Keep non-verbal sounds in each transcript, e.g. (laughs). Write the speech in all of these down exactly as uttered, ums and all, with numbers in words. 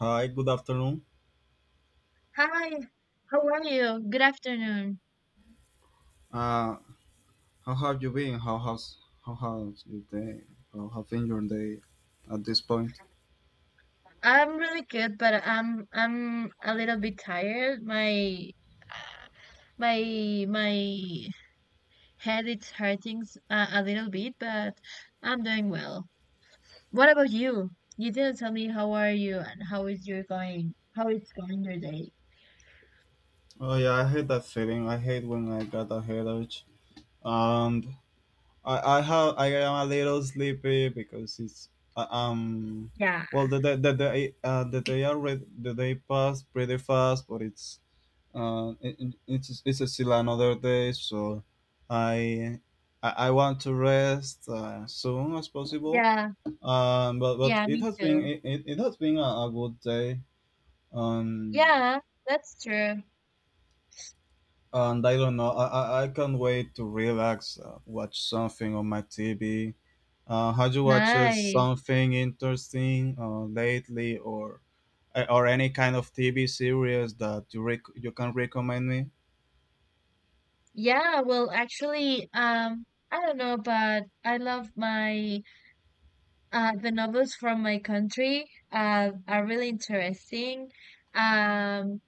Hi, good afternoon. Hi, how are you? Good afternoon. Uh, how have you been? How has how has your day? How have been your day at this point? I'm really good, but I'm I'm a little bit tired. My my my head it's hurting s- uh, a little bit, but I'm doing well. What about you? You didn't tell me how are you and how is your going? How it's going your day? Oh yeah, I hate that feeling. I hate when I got a headache, and I I have I am a little sleepy because it's uh, um Yeah, well the day the day uh, the day already the day passed pretty fast, but it's uh it, it- it's it's still another day, so I I, I want to rest uh, soon as possible. yeah, Um, but but yeah. it Me has been too. it, it it has been a, a good day. Um, Yeah, that's true. and I don't know. I, I, I can't wait to relax, uh, watch something on my T V. Uh, have you watched Nice. something interesting uh, lately, or eh, or any kind of T V series that you rec- you can recommend me? Yeah, well, actually, um, I don't know, but I love my Uh, the novels from my country uh, are really interesting. Um,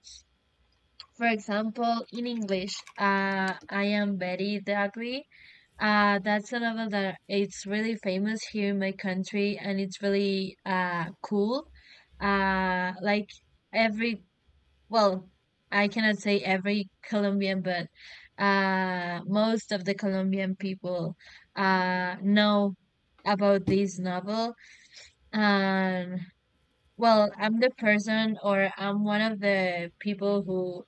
for example, in English, uh, I am Betty the Ugly. Uh, that's a novel that it's really famous here in my country, and it's really uh cool. Uh, like every well, I cannot say every Colombian, but uh, most of the Colombian people uh know about this novel, um, well, I'm the person or I'm one of the people who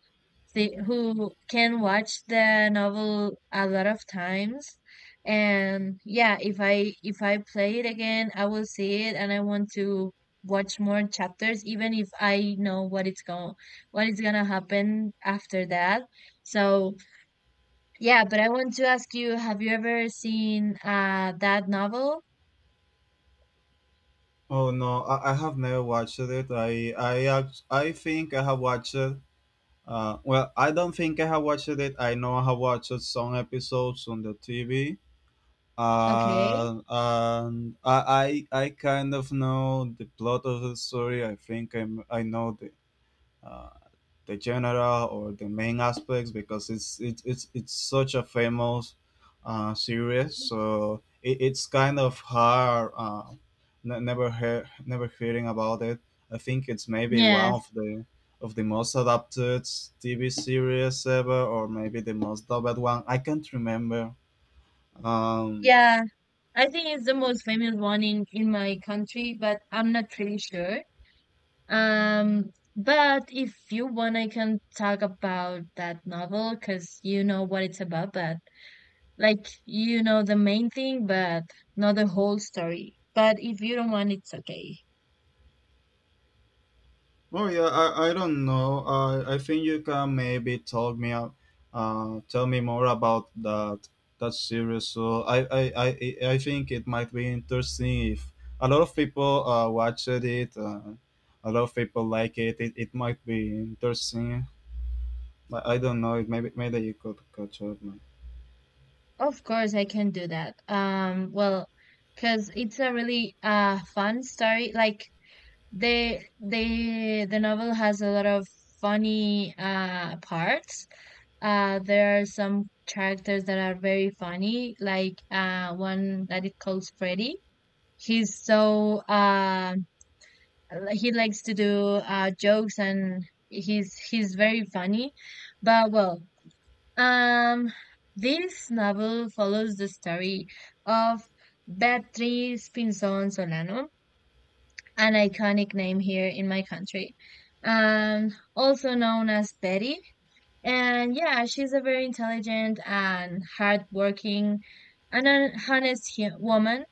thi- who can watch the novel a lot of times. And yeah, if I if I play it again, I will see it and I want to watch more chapters even if I know what it's going what is going to happen after that. So, yeah, but I want to ask you, have you ever seen uh that novel? Oh no, I, I have never watched it. I I act- I think I have watched. Uh, well, I don't think I have watched it. I know I have watched some episodes on the T V. Okay. Uh, and I, I I kind of know the plot of the story. I think I'm, I know the uh, the general or the main aspects because it's it, it's it's such a famous uh, series. So it, it's kind of hard. Uh, n- never heard, never hearing about it. I think it's maybe one Yes. of the of the most adapted T V series ever, or maybe the most dubbed one. I can't remember. Um, Yeah, I think it's the most famous one in in my country, but I'm not really sure. Um, but if you want, I can talk about that novel because you know what it's about, but like you know the main thing, but not the whole story. But if you don't want, it's okay. Oh yeah, I, I don't know. I I think you can maybe talk me out, uh, tell me more about that that series. So I I, I, I I think it might be interesting if a lot of people uh, watched it. Uh, a lot of people like it. It, it might be interesting. But I don't know. It maybe Maybe you could catch up, man. Of course, I can do that. Um, well, because it's a really uh fun story. Like they they the novel has a lot of funny uh parts. Uh there are some characters that are very funny, like uh one that it calls Freddy. He's so uh he likes to do uh jokes, and he's he's very funny. But well, um this novel follows the story of Beatriz Pinzón Solano, an iconic name here in my country, um, also known as Betty. And yeah, she's a very intelligent and hardworking and an honest hu- woman,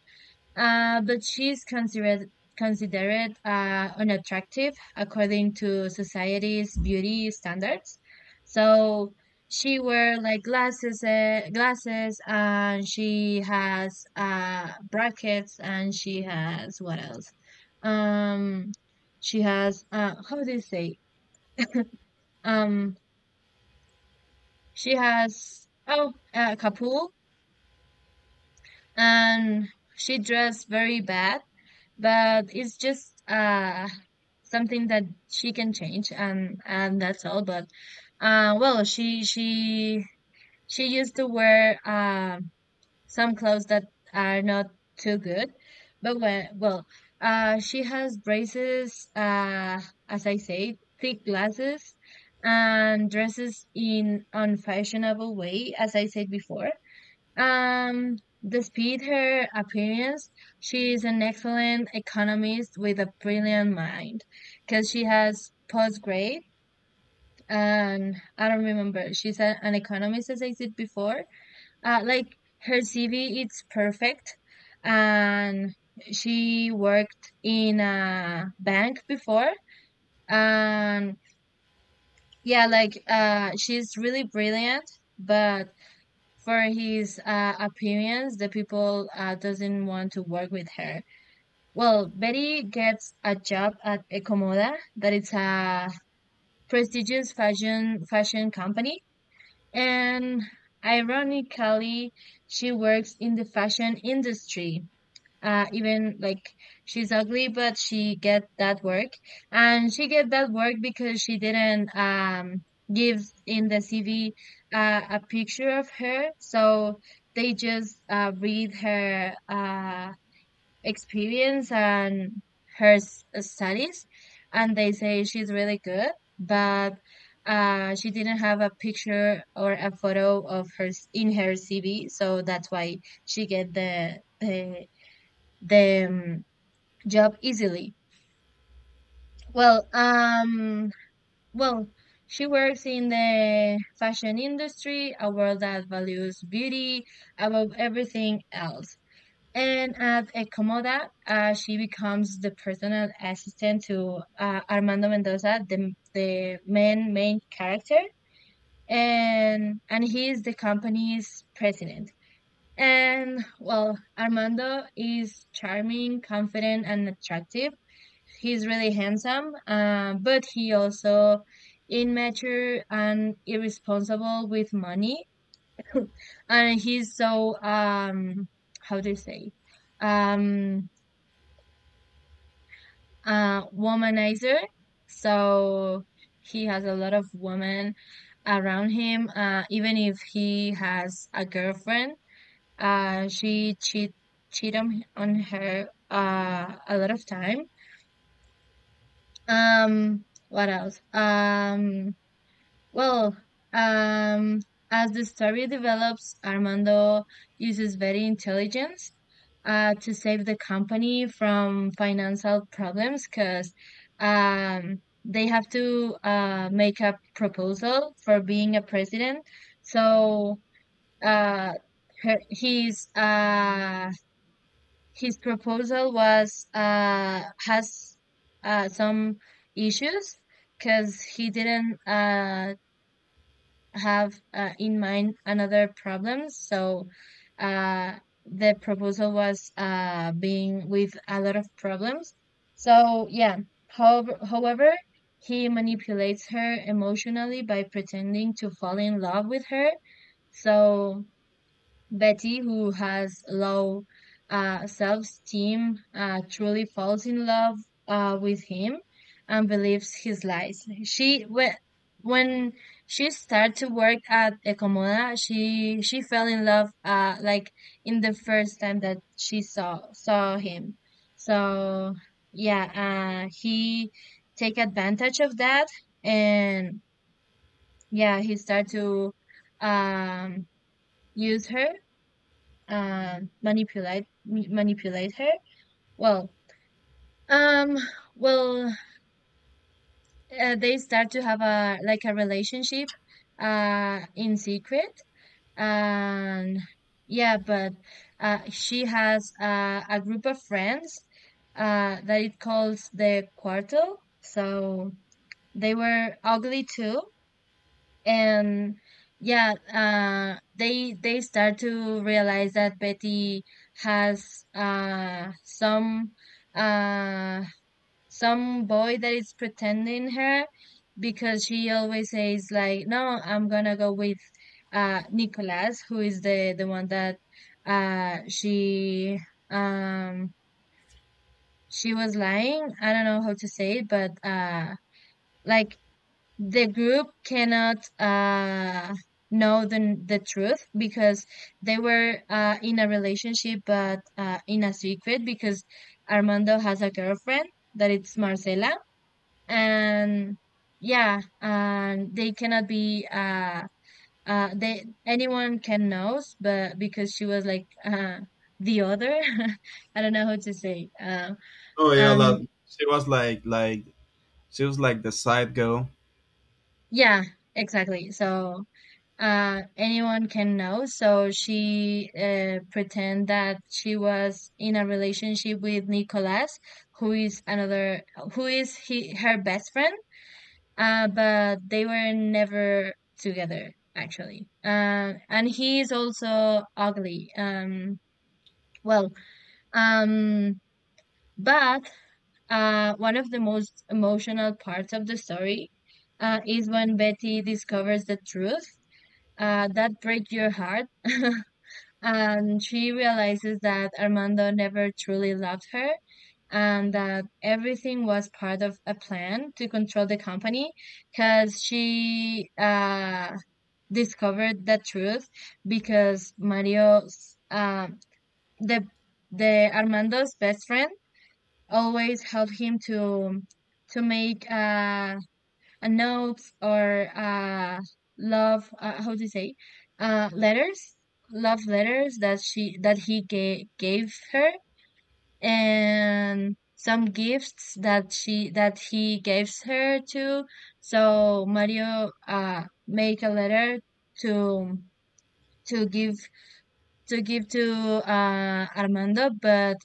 uh, but she's considered considered uh, unattractive according to society's beauty standards. So she wear like glasses, uh, glasses, and she has uh, brackets, and she has what else? Um, she has, uh, how do you say? Um, she has, oh, uh, capul, and she dressed very bad, but it's just uh something that she can change, and and that's all. But uh well, she she she used to wear, um some clothes that are not too good. But when, well, uh she has braces, uh as I say, thick glasses, and dresses in unfashionable way, as I said before. Um, despite her appearance, she is an excellent economist with a brilliant mind, because she has postgrad, and I don't remember. She's a, an economist, as I said before. Uh, like her C V, it's perfect, and she worked in a bank before. And yeah, like uh, she's really brilliant, but for his uh, appearance, the people uh, doesn't want to work with her. Well, Betty gets a job at Ecomoda, that it's a prestigious fashion fashion company, and ironically, she works in the fashion industry, uh even like she's ugly, but she get that work, and she get that work because she didn't, um give in the C V uh, a picture of her, so they just uh read her uh experience and her s- uh, studies, and they say she's really good. But uh she didn't have a picture or a photo of her s- in her C V, so that's why she get the the the um, job easily. Well, um, well, she works in the fashion industry, a world that values beauty above everything else. And at Ecomoda, uh, she becomes the personal assistant to uh, Armando Mendoza, the the main main character, and and he is the company's president. And well, Armando is charming, confident, and attractive. He's really handsome, uh, but he also immature and irresponsible with money. (laughs) And he's so, um how do you say, um uh womanizer. So he has a lot of women around him, uh even if he has a girlfriend, uh she cheat cheat on, on her, uh a lot of time. Um what else? um Well, um, as the story develops, Armando uses very intelligence uh, to save the company from financial problems, because um, they have to, uh, make a proposal for being a president. So uh, her, his uh, his proposal was uh, has uh, some issues, because he didn't, uh, have uh, in mind, another problem. So uh, the proposal was, uh, being with a lot of problems. So yeah, how, however, he manipulates her emotionally by pretending to fall in love with her. So Betty, who has low uh, self-esteem, uh, truly falls in love uh, with him, and believes his lies. She when when she started to work at Ecomoda, she she fell in love, uh, like in the first time that she saw saw him. So yeah, uh, he take advantage of that, and yeah, he started to, um, use her, um manipulate m- manipulate her. Well, um well uh, they start to have a like a relationship, uh in secret. And yeah, but uh she has uh, a group of friends, uh that it calls the quarto. So they were ugly too, and yeah, uh they they start to realize that Betty has uh some uh some boy that is pretending her, because she always says like, no, I'm gonna go with uh Nicholas, who is the the one that uh she um she was lying. I don't know how to say it, but uh like, the group cannot, uh, know the the truth, because they were, uh, in a relationship, but uh, in a secret, because Armando has a girlfriend that it's Marcela, and yeah, and they cannot be, uh, uh, they anyone can knows, but because she was like, uh, the other, (laughs) I don't know how to say. Uh, Oh yeah, um, like, she was like like she was like the side girl. yeah, exactly. So uh, anyone can know. So she uh, pretend that she was in a relationship with Nicolas, who is another, who is he, her best friend. Uh, but they were never together actually. Uh, and he is also ugly. Um, well, um, but uh, one of the most emotional parts of the story Uh, is when Betty discovers the truth, uh, that break your heart. (laughs) And she realizes that Armando never truly loved her, and that everything was part of a plan to control the company. Because she uh, discovered the truth, because Mario's, um the the Armando's best friend, always helped him to to make uh uh, notes, or uh, love, uh, how do you say, uh, letters, love letters, that she that he gave gave her, and some gifts that she that he gives her too. So Mario uh make a letter, to to give to give to uh, Armando. But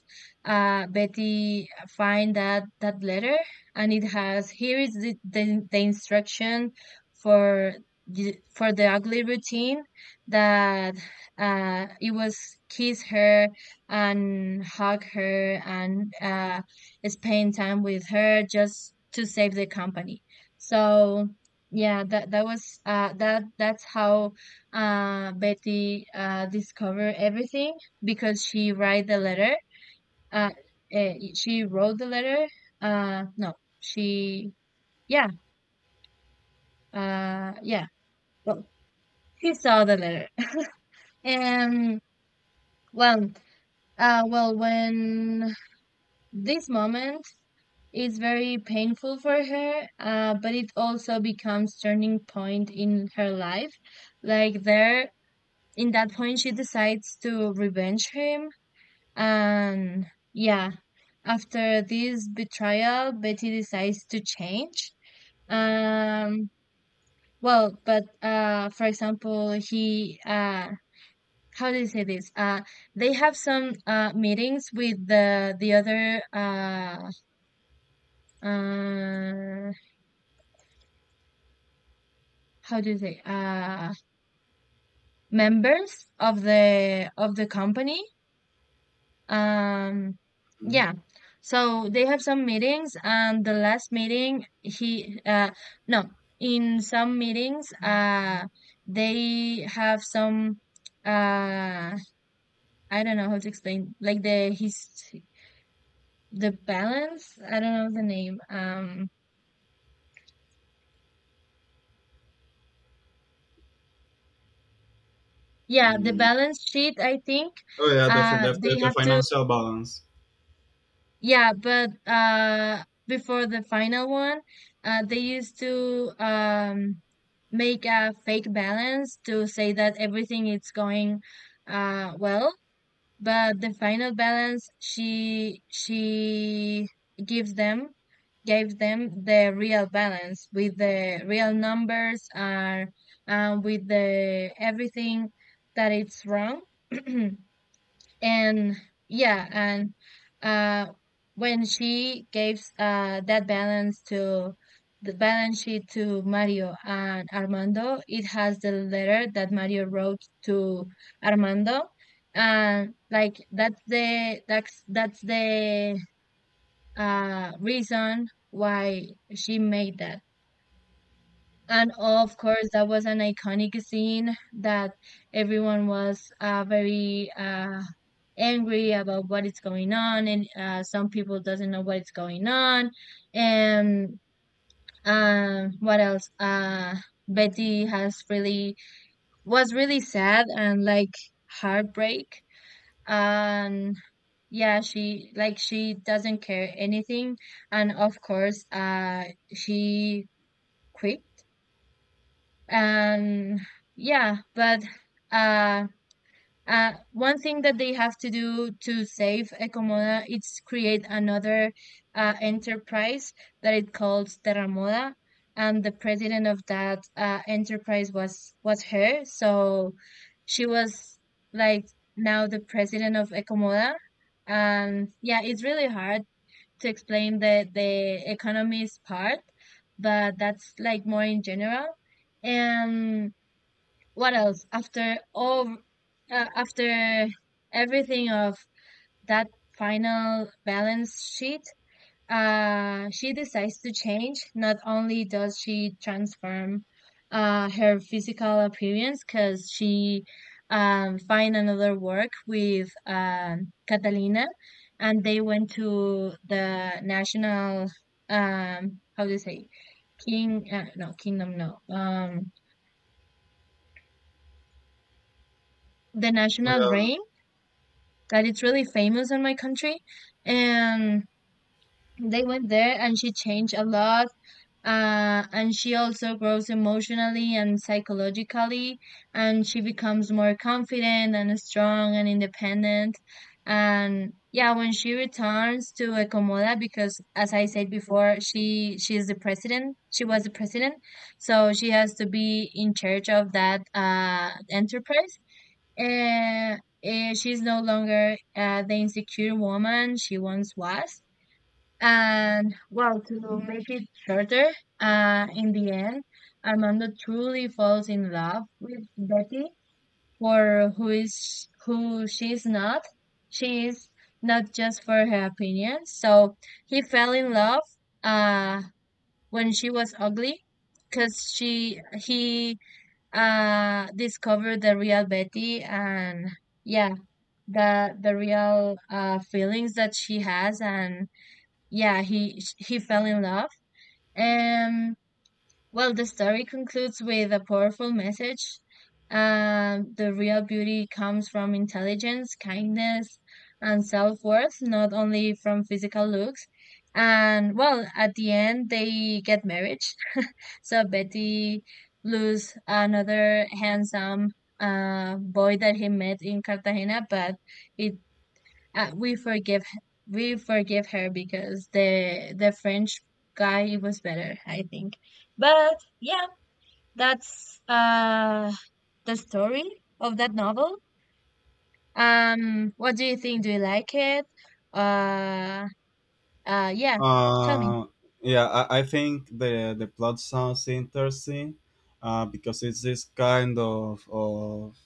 uh, Betty find that that letter, and it has, here is the the, the instruction for the- for the ugly routine, that uh, it was, kiss her, and hug her, and uh, spend time with her, just to save the company. So yeah, that that was uh, that that's how uh, Betty uh, discovered everything, because she write the letter. Uh, eh, she wrote the letter. Uh, no, she yeah, uh, yeah. Well, she saw the letter. (laughs) And well, uh, well, when this moment is very painful for her, uh, but it also becomes turning point in her life. Like there, in that point, she decides to revenge him. And yeah, after this betrayal, Betty decides to change. Um, well, but uh, for example, he uh, how do you say this? Uh, they have some uh meetings with the the other, uh uh how do you say, uh members of the of the company. Um, Mm. yeah. So they have some meetings, and the last meeting he uh no, in some meetings, uh they have some, uh I don't know how to explain, like the his the balance, I don't know the name, um yeah, the Mm. balance sheet, I think, Oh yeah, the, fin- uh the they the have to. financial balance. Yeah, but uh before the final one, uh they used to, um make a fake balance to say that everything is going uh well, but the final balance, she she gives them gave them the real balance, with the real numbers are, uh, with the everything that it's wrong. (clears throat) And yeah, and uh, when she gave, uh, that balance to the balance sheet to Mario and Armando, it has the letter that Mario wrote to Armando, and like that's the that's that's the uh, reason why she made that. And of course, that was an iconic scene that everyone was uh, very uh, angry about what is going on, and uh, some people doesn't know what is going on. And um what else uh Betty has really was really sad and like heartbreak. And yeah, she like she doesn't care anything. And of course, uh she quit. And yeah, but uh Uh, one thing that they have to do to save Ecomoda is create another uh, enterprise that it calls Terramoda, and the president of that uh, enterprise was was her. So she was like now the president of Ecomoda. And yeah, it's really hard to explain the the economies part, but that's like more in general. And what else, after all, uh, after everything of that final balance sheet, uh she decides to change. Not only does she transform uh her physical appearance, because she um find another work with um Catalina, and they went to the national um how do you say king uh, no kingdom no um the Oh, national yeah. range that it's really famous in my country. And they went there and she changed a lot. Uh, and she also grows emotionally and psychologically, and she becomes more confident and strong and independent. And yeah, when she returns to Ecomoda, because as I said before, she she is the president. She was the president, so she has to be in charge of that uh, enterprise. And eh, she's no longer uh, the insecure woman she once was. And well, to make it shorter, uh, in the end, Armando truly falls in love with Betty for who is who she's not. She is not just for her opinion. So he fell in love uh, when she was ugly, because she he uh, discovered the real Betty, and yeah, the the real uh feelings that she has. And yeah, he he fell in love. And well, the story concludes with a powerful message: um the real beauty comes from intelligence, kindness, and self-worth, not only from physical looks. And well, at the end they get married. So Betty lose another handsome uh boy that he met in Cartagena, but it uh, we forgive we forgive her because the the French guy was better, I think. But yeah, that's uh the story of that novel. Um, what do you think? Do you like it? Uh, uh, yeah. Tell me. Uh, yeah, I, I think the the plot sounds interesting, uh, because it's this kind of of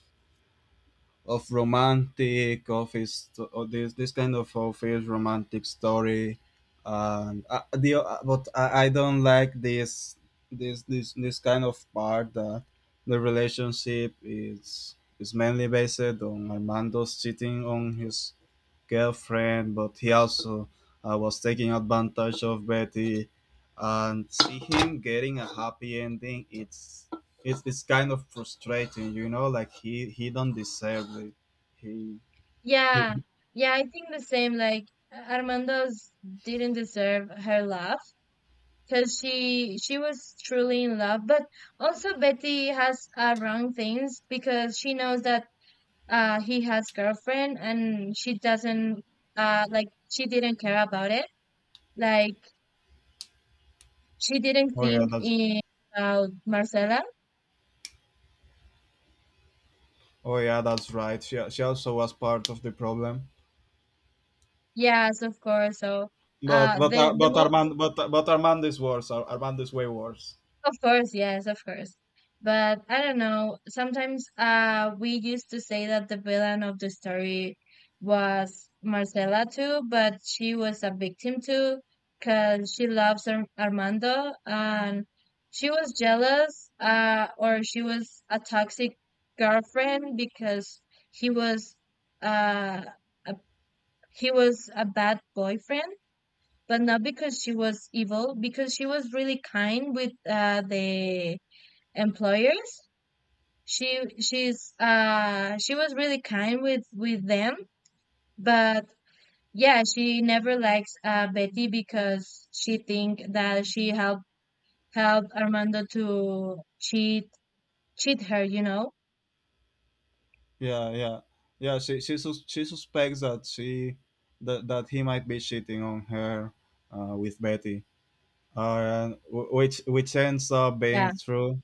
of romantic office or this this kind of office romantic story, and uh, the uh, but I, I don't like this this this this kind of part that the relationship is is mainly based on Armando's cheating on his girlfriend, but he also uh, was taking advantage of Betty. And see him getting a happy ending. It's it's it's kind of frustrating, you know. Like he he don't deserve it. He Yeah, he. (laughs) yeah, I think the same. Like Armando's didn't deserve her love, because she she was truly in love. But also Betty has uh, wrong things, because she knows that uh he has girlfriend, and she doesn't, uh like she didn't care about it. Like she didn't Oh yeah, think that's in about Marcela. oh yeah, that's right. She she also was part of the problem. Yes, of course. So But uh but uh, the the but most, Armand but but Armand is worse. Ar- Armand is way worse. of course, yes, of course. But I don't know. Sometimes uh we used to say that the villain of the story was Marcela too, but she was a victim too, because she loves Ar Armando, and she was jealous, uh or she was a toxic girlfriend because he was uh a, he was a bad boyfriend. But not because she was evil, because she was really kind with uh the employers. She she's uh she was really kind with with them. But yeah, she never likes uh Betty, because she think that she helped helped Armando to cheat cheat her, you know? Yeah, yeah, yeah. She she sus- she suspects that she that that he might be cheating on her uh, with Betty, uh, wh- which which ends up Yeah. being true.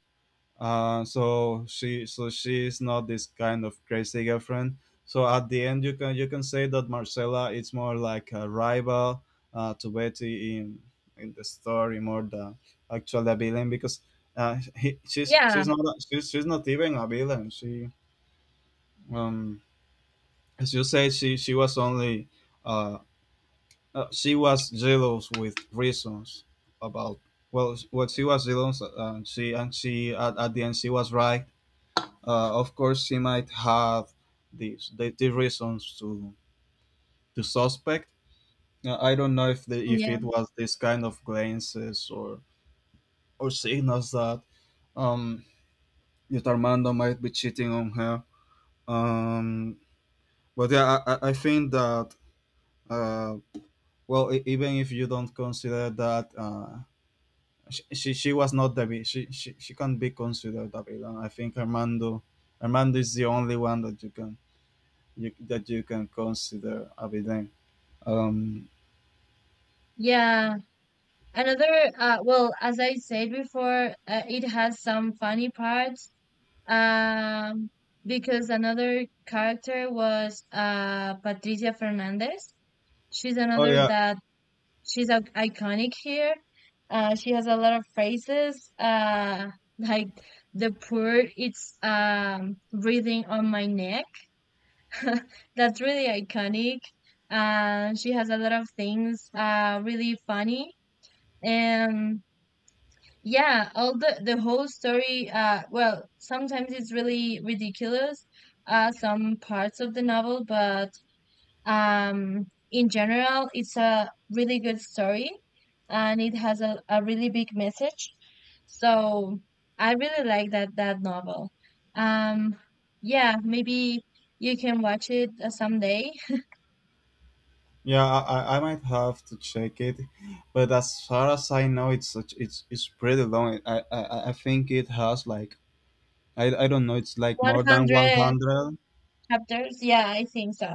Uh, so she so she is not this kind of crazy girlfriend. So at the end, you can you can say that Marcella is more like a rival uh, to Betty in in the story more than actually a villain because uh, he, she's she's Yeah. not a- she's, she's not even a villain. She um as you say, she she was only uh, uh, she was jealous with reasons about, well, what she was jealous, and she and she at, at the end she was right. Uh, of course, she might have these the, the reasons to to suspect. Uh, I don't know if the, if Yeah. it was this kind of glances or or signals that um that Armando might be cheating on her. Um, but yeah, I, I I think that uh, well, e- even if you don't consider that uh, she, she, she was not the vi- she, she she can't be considered a villain. I think Armando Armando is the only one that you can you, that you can consider a villain. Um. Yeah. Another, uh well, as I said before, uh, it has some funny parts. Um because another character was uh Patricia Fernandez. She's Oh another yeah, that she's a iconic here. Uh, she has a lot of phrases, uh, like the poor it's um, breathing on my neck. (laughs) That's really iconic. Uh, she has a lot of things uh, really funny. And yeah, all the, the whole story, uh, well, sometimes it's really ridiculous, uh, some parts of the novel. But um in general it's a really good story, and it has a, a really big message. So I really like that that novel. um yeah, maybe you can watch it uh, someday. yeah. I, I I might have to check it, but as far as I know, it's such it's it's pretty long. I I, I, I think it has, like. I I don't know. It's like more than one one hundred hundred. chapters, yeah, I think so.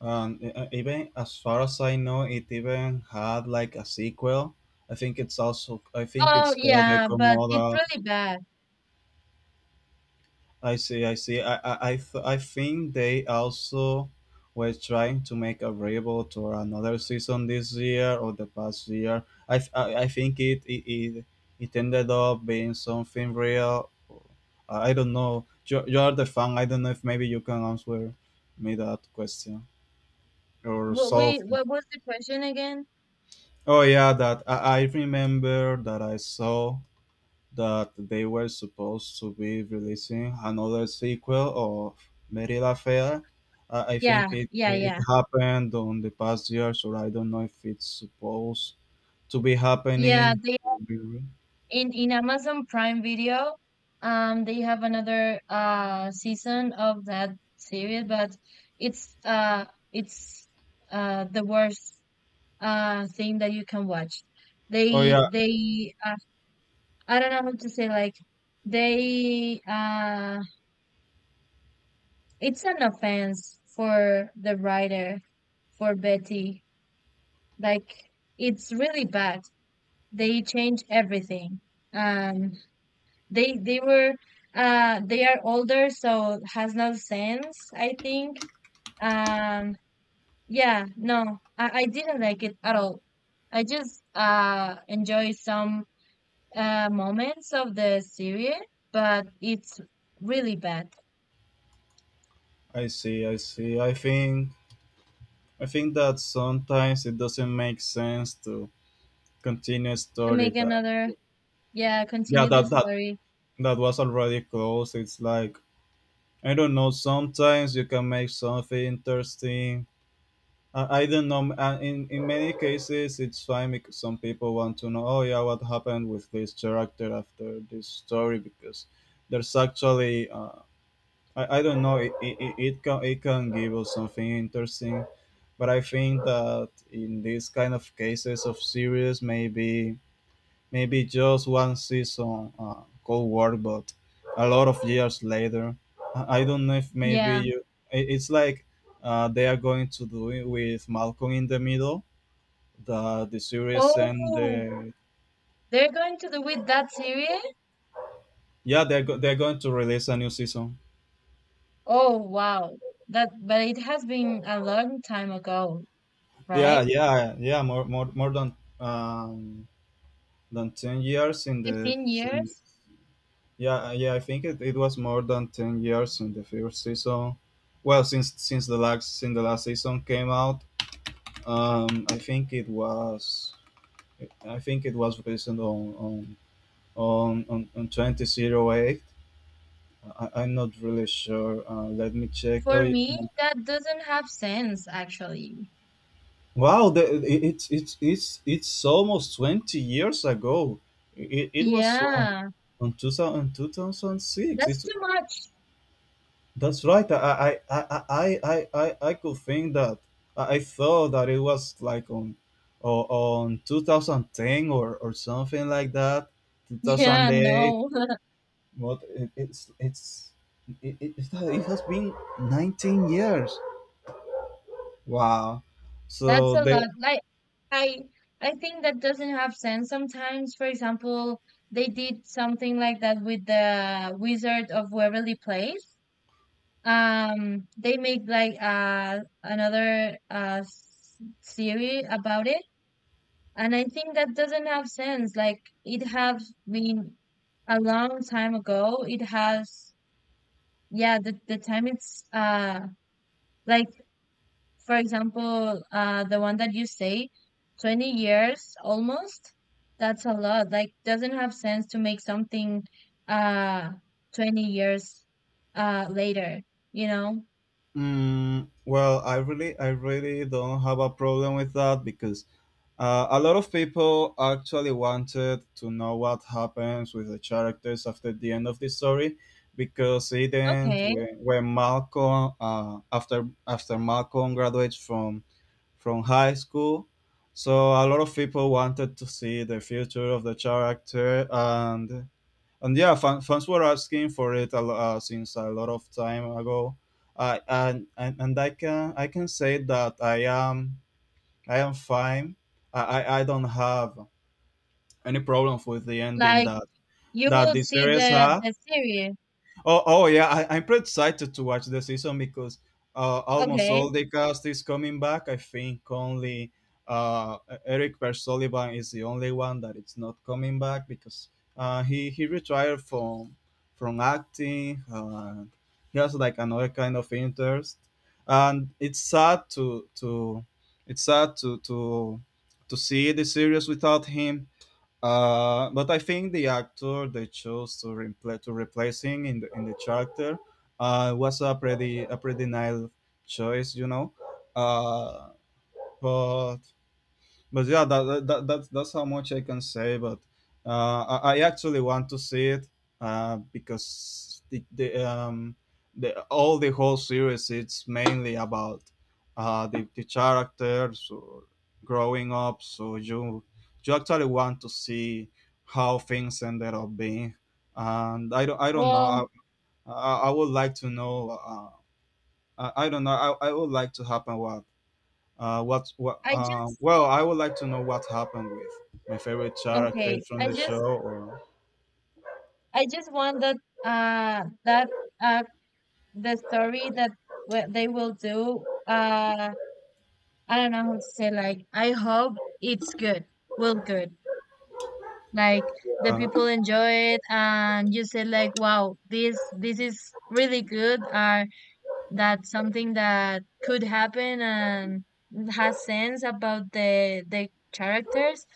Um, e- e- even as far as I know, it even had like a sequel. I think it's also I think Oh it's called yeah, Echo. but it's really bad. I see, I see. I, I, I, th- I think they also were trying to make a reboot or another season this year or the past year. I, th- I, I think it, it it it ended up being something real. I I don't know. You, you are the fan. I don't know if maybe you can answer me that question or What we solve. what was the question again? Oh yeah, that I, I remember that I saw that they were supposed to be releasing another sequel of Merida Fair. Uh, I Yeah, think it yeah, it yeah. happened on the past year, so I don't know if it's supposed to be Yeah, happening. they, in in Amazon Prime Video, um, they have another uh season of that series. But it's uh it's uh the worst uh thing that you can watch. Oh They yeah, they uh, I don't know how to say, like they uh it's an offense for the writer, for Betty. Like it's really bad. They change everything. Um They they were uh they are older, so it has no sense, I think. Um, yeah, no, I, I didn't like it at all. I just uh enjoy some uh moments of the series, but it's really bad. I see, I see. I think I think that sometimes it doesn't make sense to continue a To story make that another, yeah, yeah continue the that that story. that was already closed. It's like. I don't know. Sometimes you can make something interesting. I I don't know. Uh, In in many cases, it's fine because some people want to know, oh yeah, what happened with this character after this story? Because there's actually uh, I I don't know. It, it, it it can it can give us something interesting, but I think that in these kind of cases of series, maybe maybe just one season, uh, cold war but a lot of years later. i I don't know if maybe Yeah. you. I- it's like uh, they are going to do it with Malcolm in the Middle, the the series and the. Oh, they're going to do with that series? Yeah, they're, go- they're going to release a new season. Oh, wow. That, but it has been a long time ago, Yeah, right? yeah, yeah, more more, more than um than ten years in the fifteen in, years? yeah, yeah, i think it, it was more than ten years in the first season, well, since since the last since the last season came out. Um, I think it was, I think it was based on on on on, on twenty zero eight. I, I'm not really sure. Uh, let me check. Oh, For yeah. me, that doesn't have sense, actually. Wow! The, it, it's it's it's it's almost twenty years ago. It, it was on Yeah, on two thousand two thousand six. that's It's. too much. (laughs) That's right. I I I I I I, I could think that I I thought that it was like on o- on twenty ten or, or something like that. Yeah, two thousand eight. no, (laughs) But it, it's it's it, it, it's that it has been nineteen years. Wow. that's So a they. lot. Like, I, I think that doesn't have sense sometimes. For example, they did something like that with the Wizard of Waverly Place. Um, they made like uh another uh s- series about it, and I think that doesn't have sense. Like, it has been a long time ago. It has, yeah, the the time it's uh like, for example, uh the one that you say, twenty years almost, that's a lot. Like doesn't have sense to make something uh twenty years uh later, you know? Mm, well, I really. I really don't have a problem with that because Uh, a lot of people actually wanted to know what happens with the characters after the end of the story, because it ends Okay. when, when Malcolm, uh, after after Malcolm graduates from from high school. So a lot of people wanted to see the future of the character and and yeah, fan, fans were asking for it a, lo- uh, since a lot of time ago. I and, and and I can. I can say that I am. I am fine. I, I, I don't have any problems with the ending Like that, you that will the see series the had. the series. Oh, oh yeah, I, I'm pretty excited to watch the season because uh, almost Okay. all the cast is coming back. I think only uh, Eric Per Sullivan is the only one that it's not coming back because uh, he he retired from from acting. Uh, he has like another kind of interest, and it's sad to to it's sad to to to see the series without him, uh, but I think the actor they chose to repl- to replace him in the in the character uh, was a pretty a pretty nice choice, you know. Uh, but but yeah, that, that, that that's that's how much I can say. But uh, I, I actually want to see it uh, because the, the um the all the whole series it's mainly about uh, the the characters or growing up. So you you actually want to see how things ended up being, and I don't I don't know. I Well, I, I would like to know. Uh, I, I don't know. I, I would like to happen what uh, what, what, I uh, just, well, I would like to know what happened with my favorite okay, characters from I the show. just, Or. I just want that uh that uh the story that what they will do, uh I don't know how to say, like I hope it's good, well good. Like the uh, people enjoy it and you say like, wow, this this is really good, or that's something that could happen and has sense about the the characters.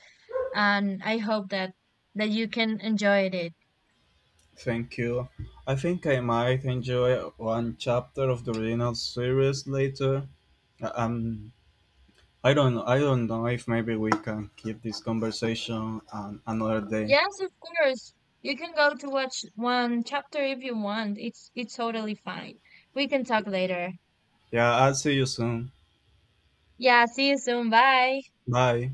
And I hope that that you can enjoy it. Thank you. I think I might enjoy one chapter of the original series later. Uh, Um, I don't, I don't know if maybe we can keep this conversation um, another day. Yes, of course. You can go to watch one chapter if you want. It's it's totally fine. We can talk later. Yeah, I'll see you soon. Yeah, see you soon. Bye. Bye.